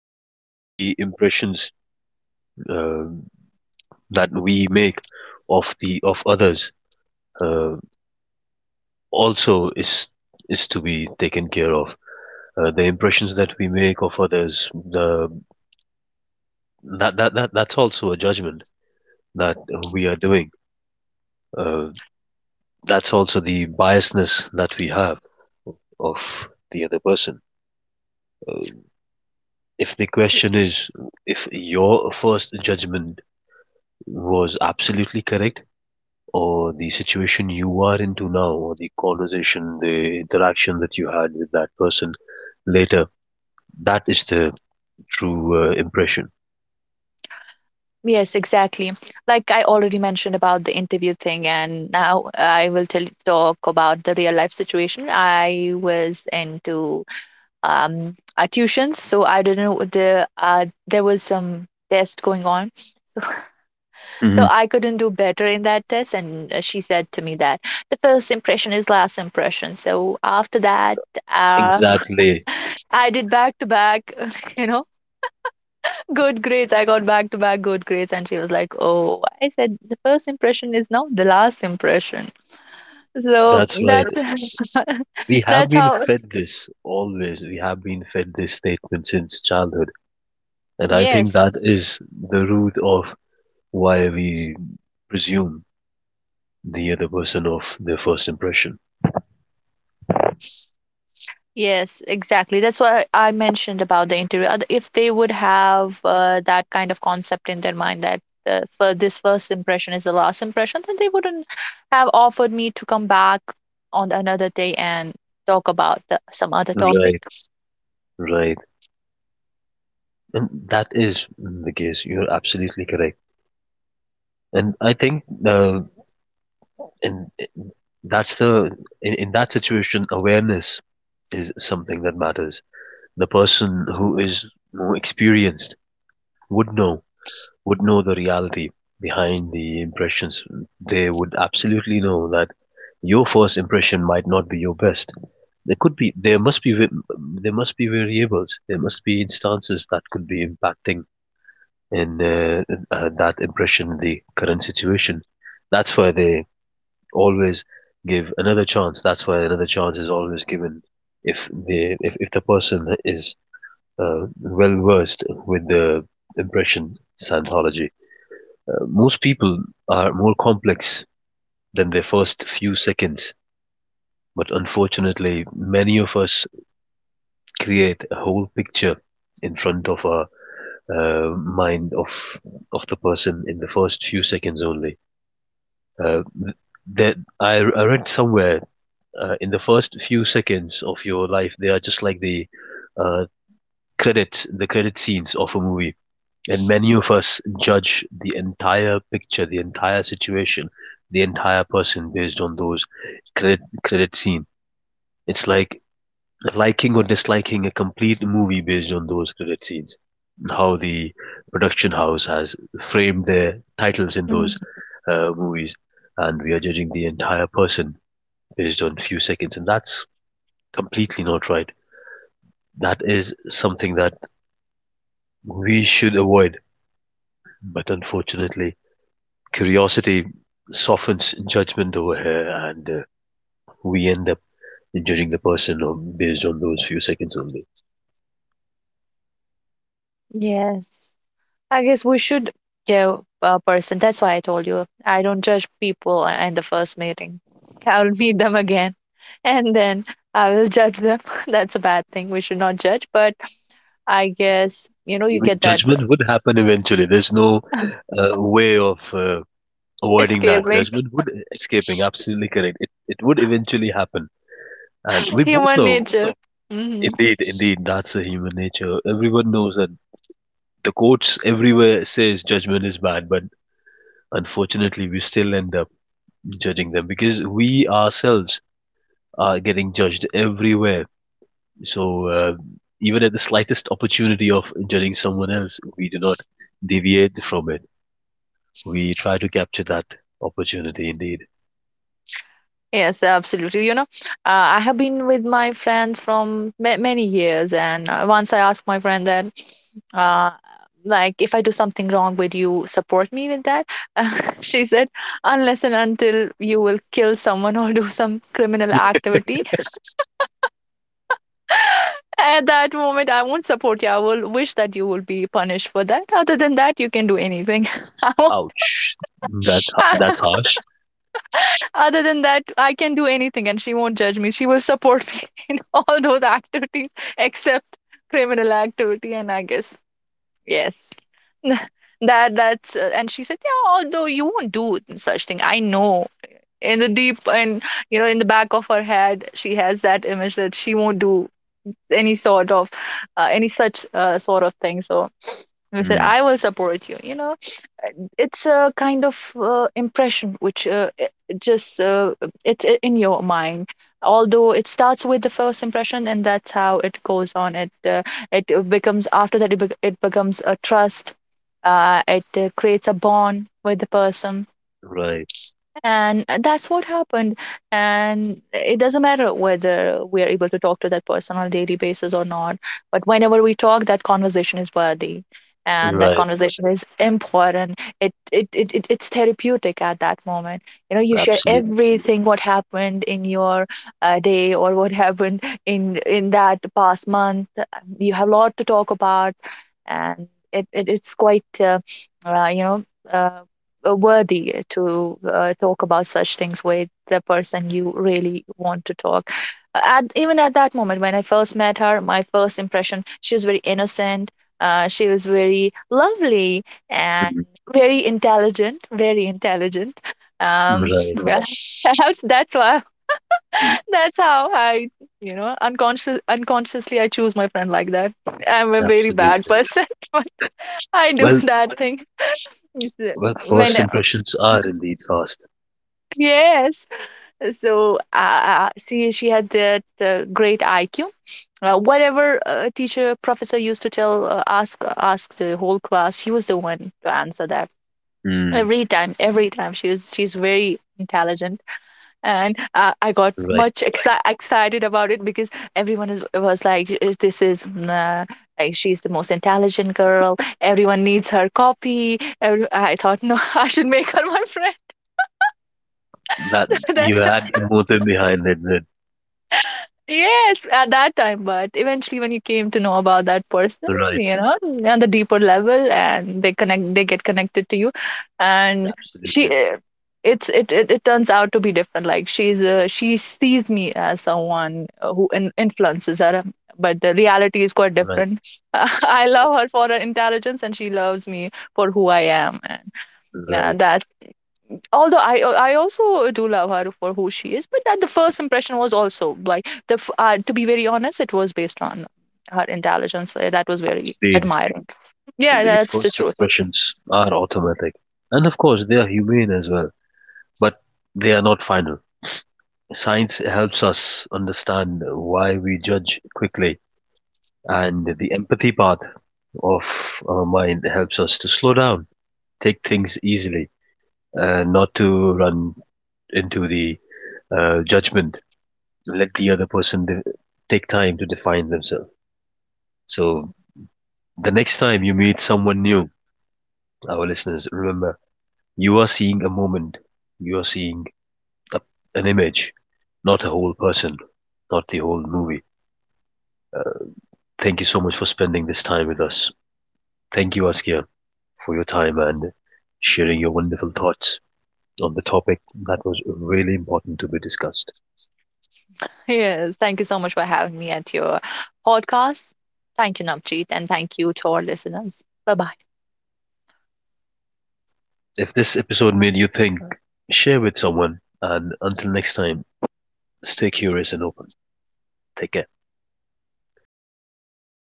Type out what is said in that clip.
rethinking the impressions uh, that we make of the of others uh, also is to be taken care of. The impressions that we make of others, the that that, that that's also a judgment that we are doing. Uh, that's also the biasness that we have of the other person. If the question is if your first judgment was absolutely correct, or the situation you are into now or the interaction that you had with that person later, that is the true impression. Yes, exactly. Like I already mentioned about the interview thing, and now I will tell talk about the real life situation. I was into tuitions, so I didn't know the there was some test going on, so Hmm. I couldn't do better in that test. And she said to me that the first impression is last impression. So after that, uh, Exactly. I did back to back, you know, good grades. I got back to back good grades. And she was like, Oh, I said the first impression is now the last impression. So That's that right, we have that's been how fed this always, we have been fed this statement since childhood, and I think yes. that is the root of why we presume the other person of their first impression. Yes, exactly. That's why I mentioned about the interview. If they would have that kind of concept in their mind that for this first impression is the last impression, then they wouldn't have offered me to come back on another day and talk about some other topic. Right, right. And that is the case. You're absolutely correct. And I think and it- that's the in that situation awareness is something that matters. The person who is more experienced would know, would know the reality behind the impressions. They would absolutely know that your first impression might not be your best. There could be, there must be variables, there must be instances that could be impacting in that impression, the current situation. That's why they always give another chance. That's why another chance is always given if the person is well versed with the impression anthology. Most people are more complex than their first few seconds, but unfortunately, many of us create a whole picture in front of our mind of the person in the first few seconds only. Uh, that I read somewhere in the first few seconds of your life, they are just like the uh, credits, the credit scenes of a movie. And many of us judge the entire picture, the entire situation, the entire person based on those credit scene. It's like liking or disliking a complete movie based on those credit scenes. How the production house has framed their titles in Mhm. those movies, and we are judging the entire person based on few seconds, and that's completely not right. That is something that we should avoid. But unfortunately, curiosity softens judgment over here, and we end up judging the person based on those few seconds only. Yes, I guess we should give a person. That's why I told you I don't judge people in the first meeting. I'll meet them again and then I will judge them. That's a bad thing. We should not judge, but I guess, you know, you Even get that judgment would happen eventually. There's no way of avoiding that. escaping, Judgment would escaping. Absolutely correct. It would eventually happen, and we both human know. nature. Hmm. Indeed, indeed, that's the human nature. Everyone knows that the courts everywhere says judgment is bad, but unfortunately, we still end up judging them because we ourselves are getting judged everywhere. So even at the slightest opportunity of judging someone else, we do not deviate from it. We try to capture that opportunity. Indeed. Yes, absolutely. You know, I have been with my friends from many years, and once I asked my friend that uh, like, if I do something wrong, would you support me with that? She said, unless and until you will kill someone or do some criminal activity, at that moment I won't support you. I will wish that you will be punished for that. Other than that, you can do anything. I won't- Ouch, that that's harsh. Other than that, I can do anything, and she won't judge me. She will support me in all those activities except criminal activity. And I guess yes, that that's and she said, yeah, although you won't do such thing, I know in the deep, and you know, in the back of her head she has that image that she won't do any sort of any such sort of thing. So I said, Mm. I will support you, you know. It's a kind of impression which it just it's in your mind. Although it starts with the first impression, and that's how it goes on. It it becomes after that, it becomes a trust. It creates a bond with the person. Right, And that's what happened, and it doesn't matter whether we are able to talk to that person on a daily basis or not, but whenever we talk, that conversation is worthy, and that right, conversation is important. It's therapeutic at that moment, you know. You share absolutely, everything what happened in your day, or what happened in that past month. You have a lot to talk about, and it it's quite you know, uh, worthy to talk about such things with the person you really want to talk. At even at that moment when I first met her, my first impression, she was very innocent. She was very lovely and mm, very intelligent, very intelligent. um right, Mm. Yeah, perhaps that's why, mm, that's how I, you know, unconsciously I choose my friend like that. I'm a very bad absolutely. person, but I do Well, that thing. It's, well, when, first impressions are indeed fast. yes, so she had that great IQ. Whatever teacher professor used to tell ask the whole class, she was the one to answer that Mm. every time. Every time, she's very intelligent, and I got Right, much excited about it because was like, this is like she's the most intelligent girl. Everyone needs her copy." I thought, no, I should make her my friend. that That- you had a motive behind it then. Yes, at that time, but eventually when you came to know about that person, Right, you know, on the deeper level, and they get connected to you. And she absolutely. eh, it, it turns out to be different. Like, she's she sees me as someone who influences her, but the reality is quite Right, different. I love her for her intelligence, and she loves me for who I am. right. And although I also do love her for who she is, but that the first impression was also like to be very honest, it was based on her intelligence. That was very Indeed, admiring. Yeah, indeed. that's the First truth. impressions are automatic. And of course, they are humane as well, but they are not final. Science helps us understand why we judge quickly, and the empathy part of our mind helps us to slow down, take things easily, not to run into the judgment. Let the other person take time to define themselves. So, the next time you meet someone new, our listeners, remember, you are seeing a moment, you are seeing a, an image, not a whole person, not the whole movie. Thank you so much for spending this time with us. Thank you, Askia, for your time and sharing your wonderful thoughts on the topic that was really important to be discussed. Yes, thank you so much for having me at your podcast. Thank you, Navjeet, and thank you to our listeners. Bye bye. If this episode made you think, share with someone, and until next time, stay curious and open. Take care.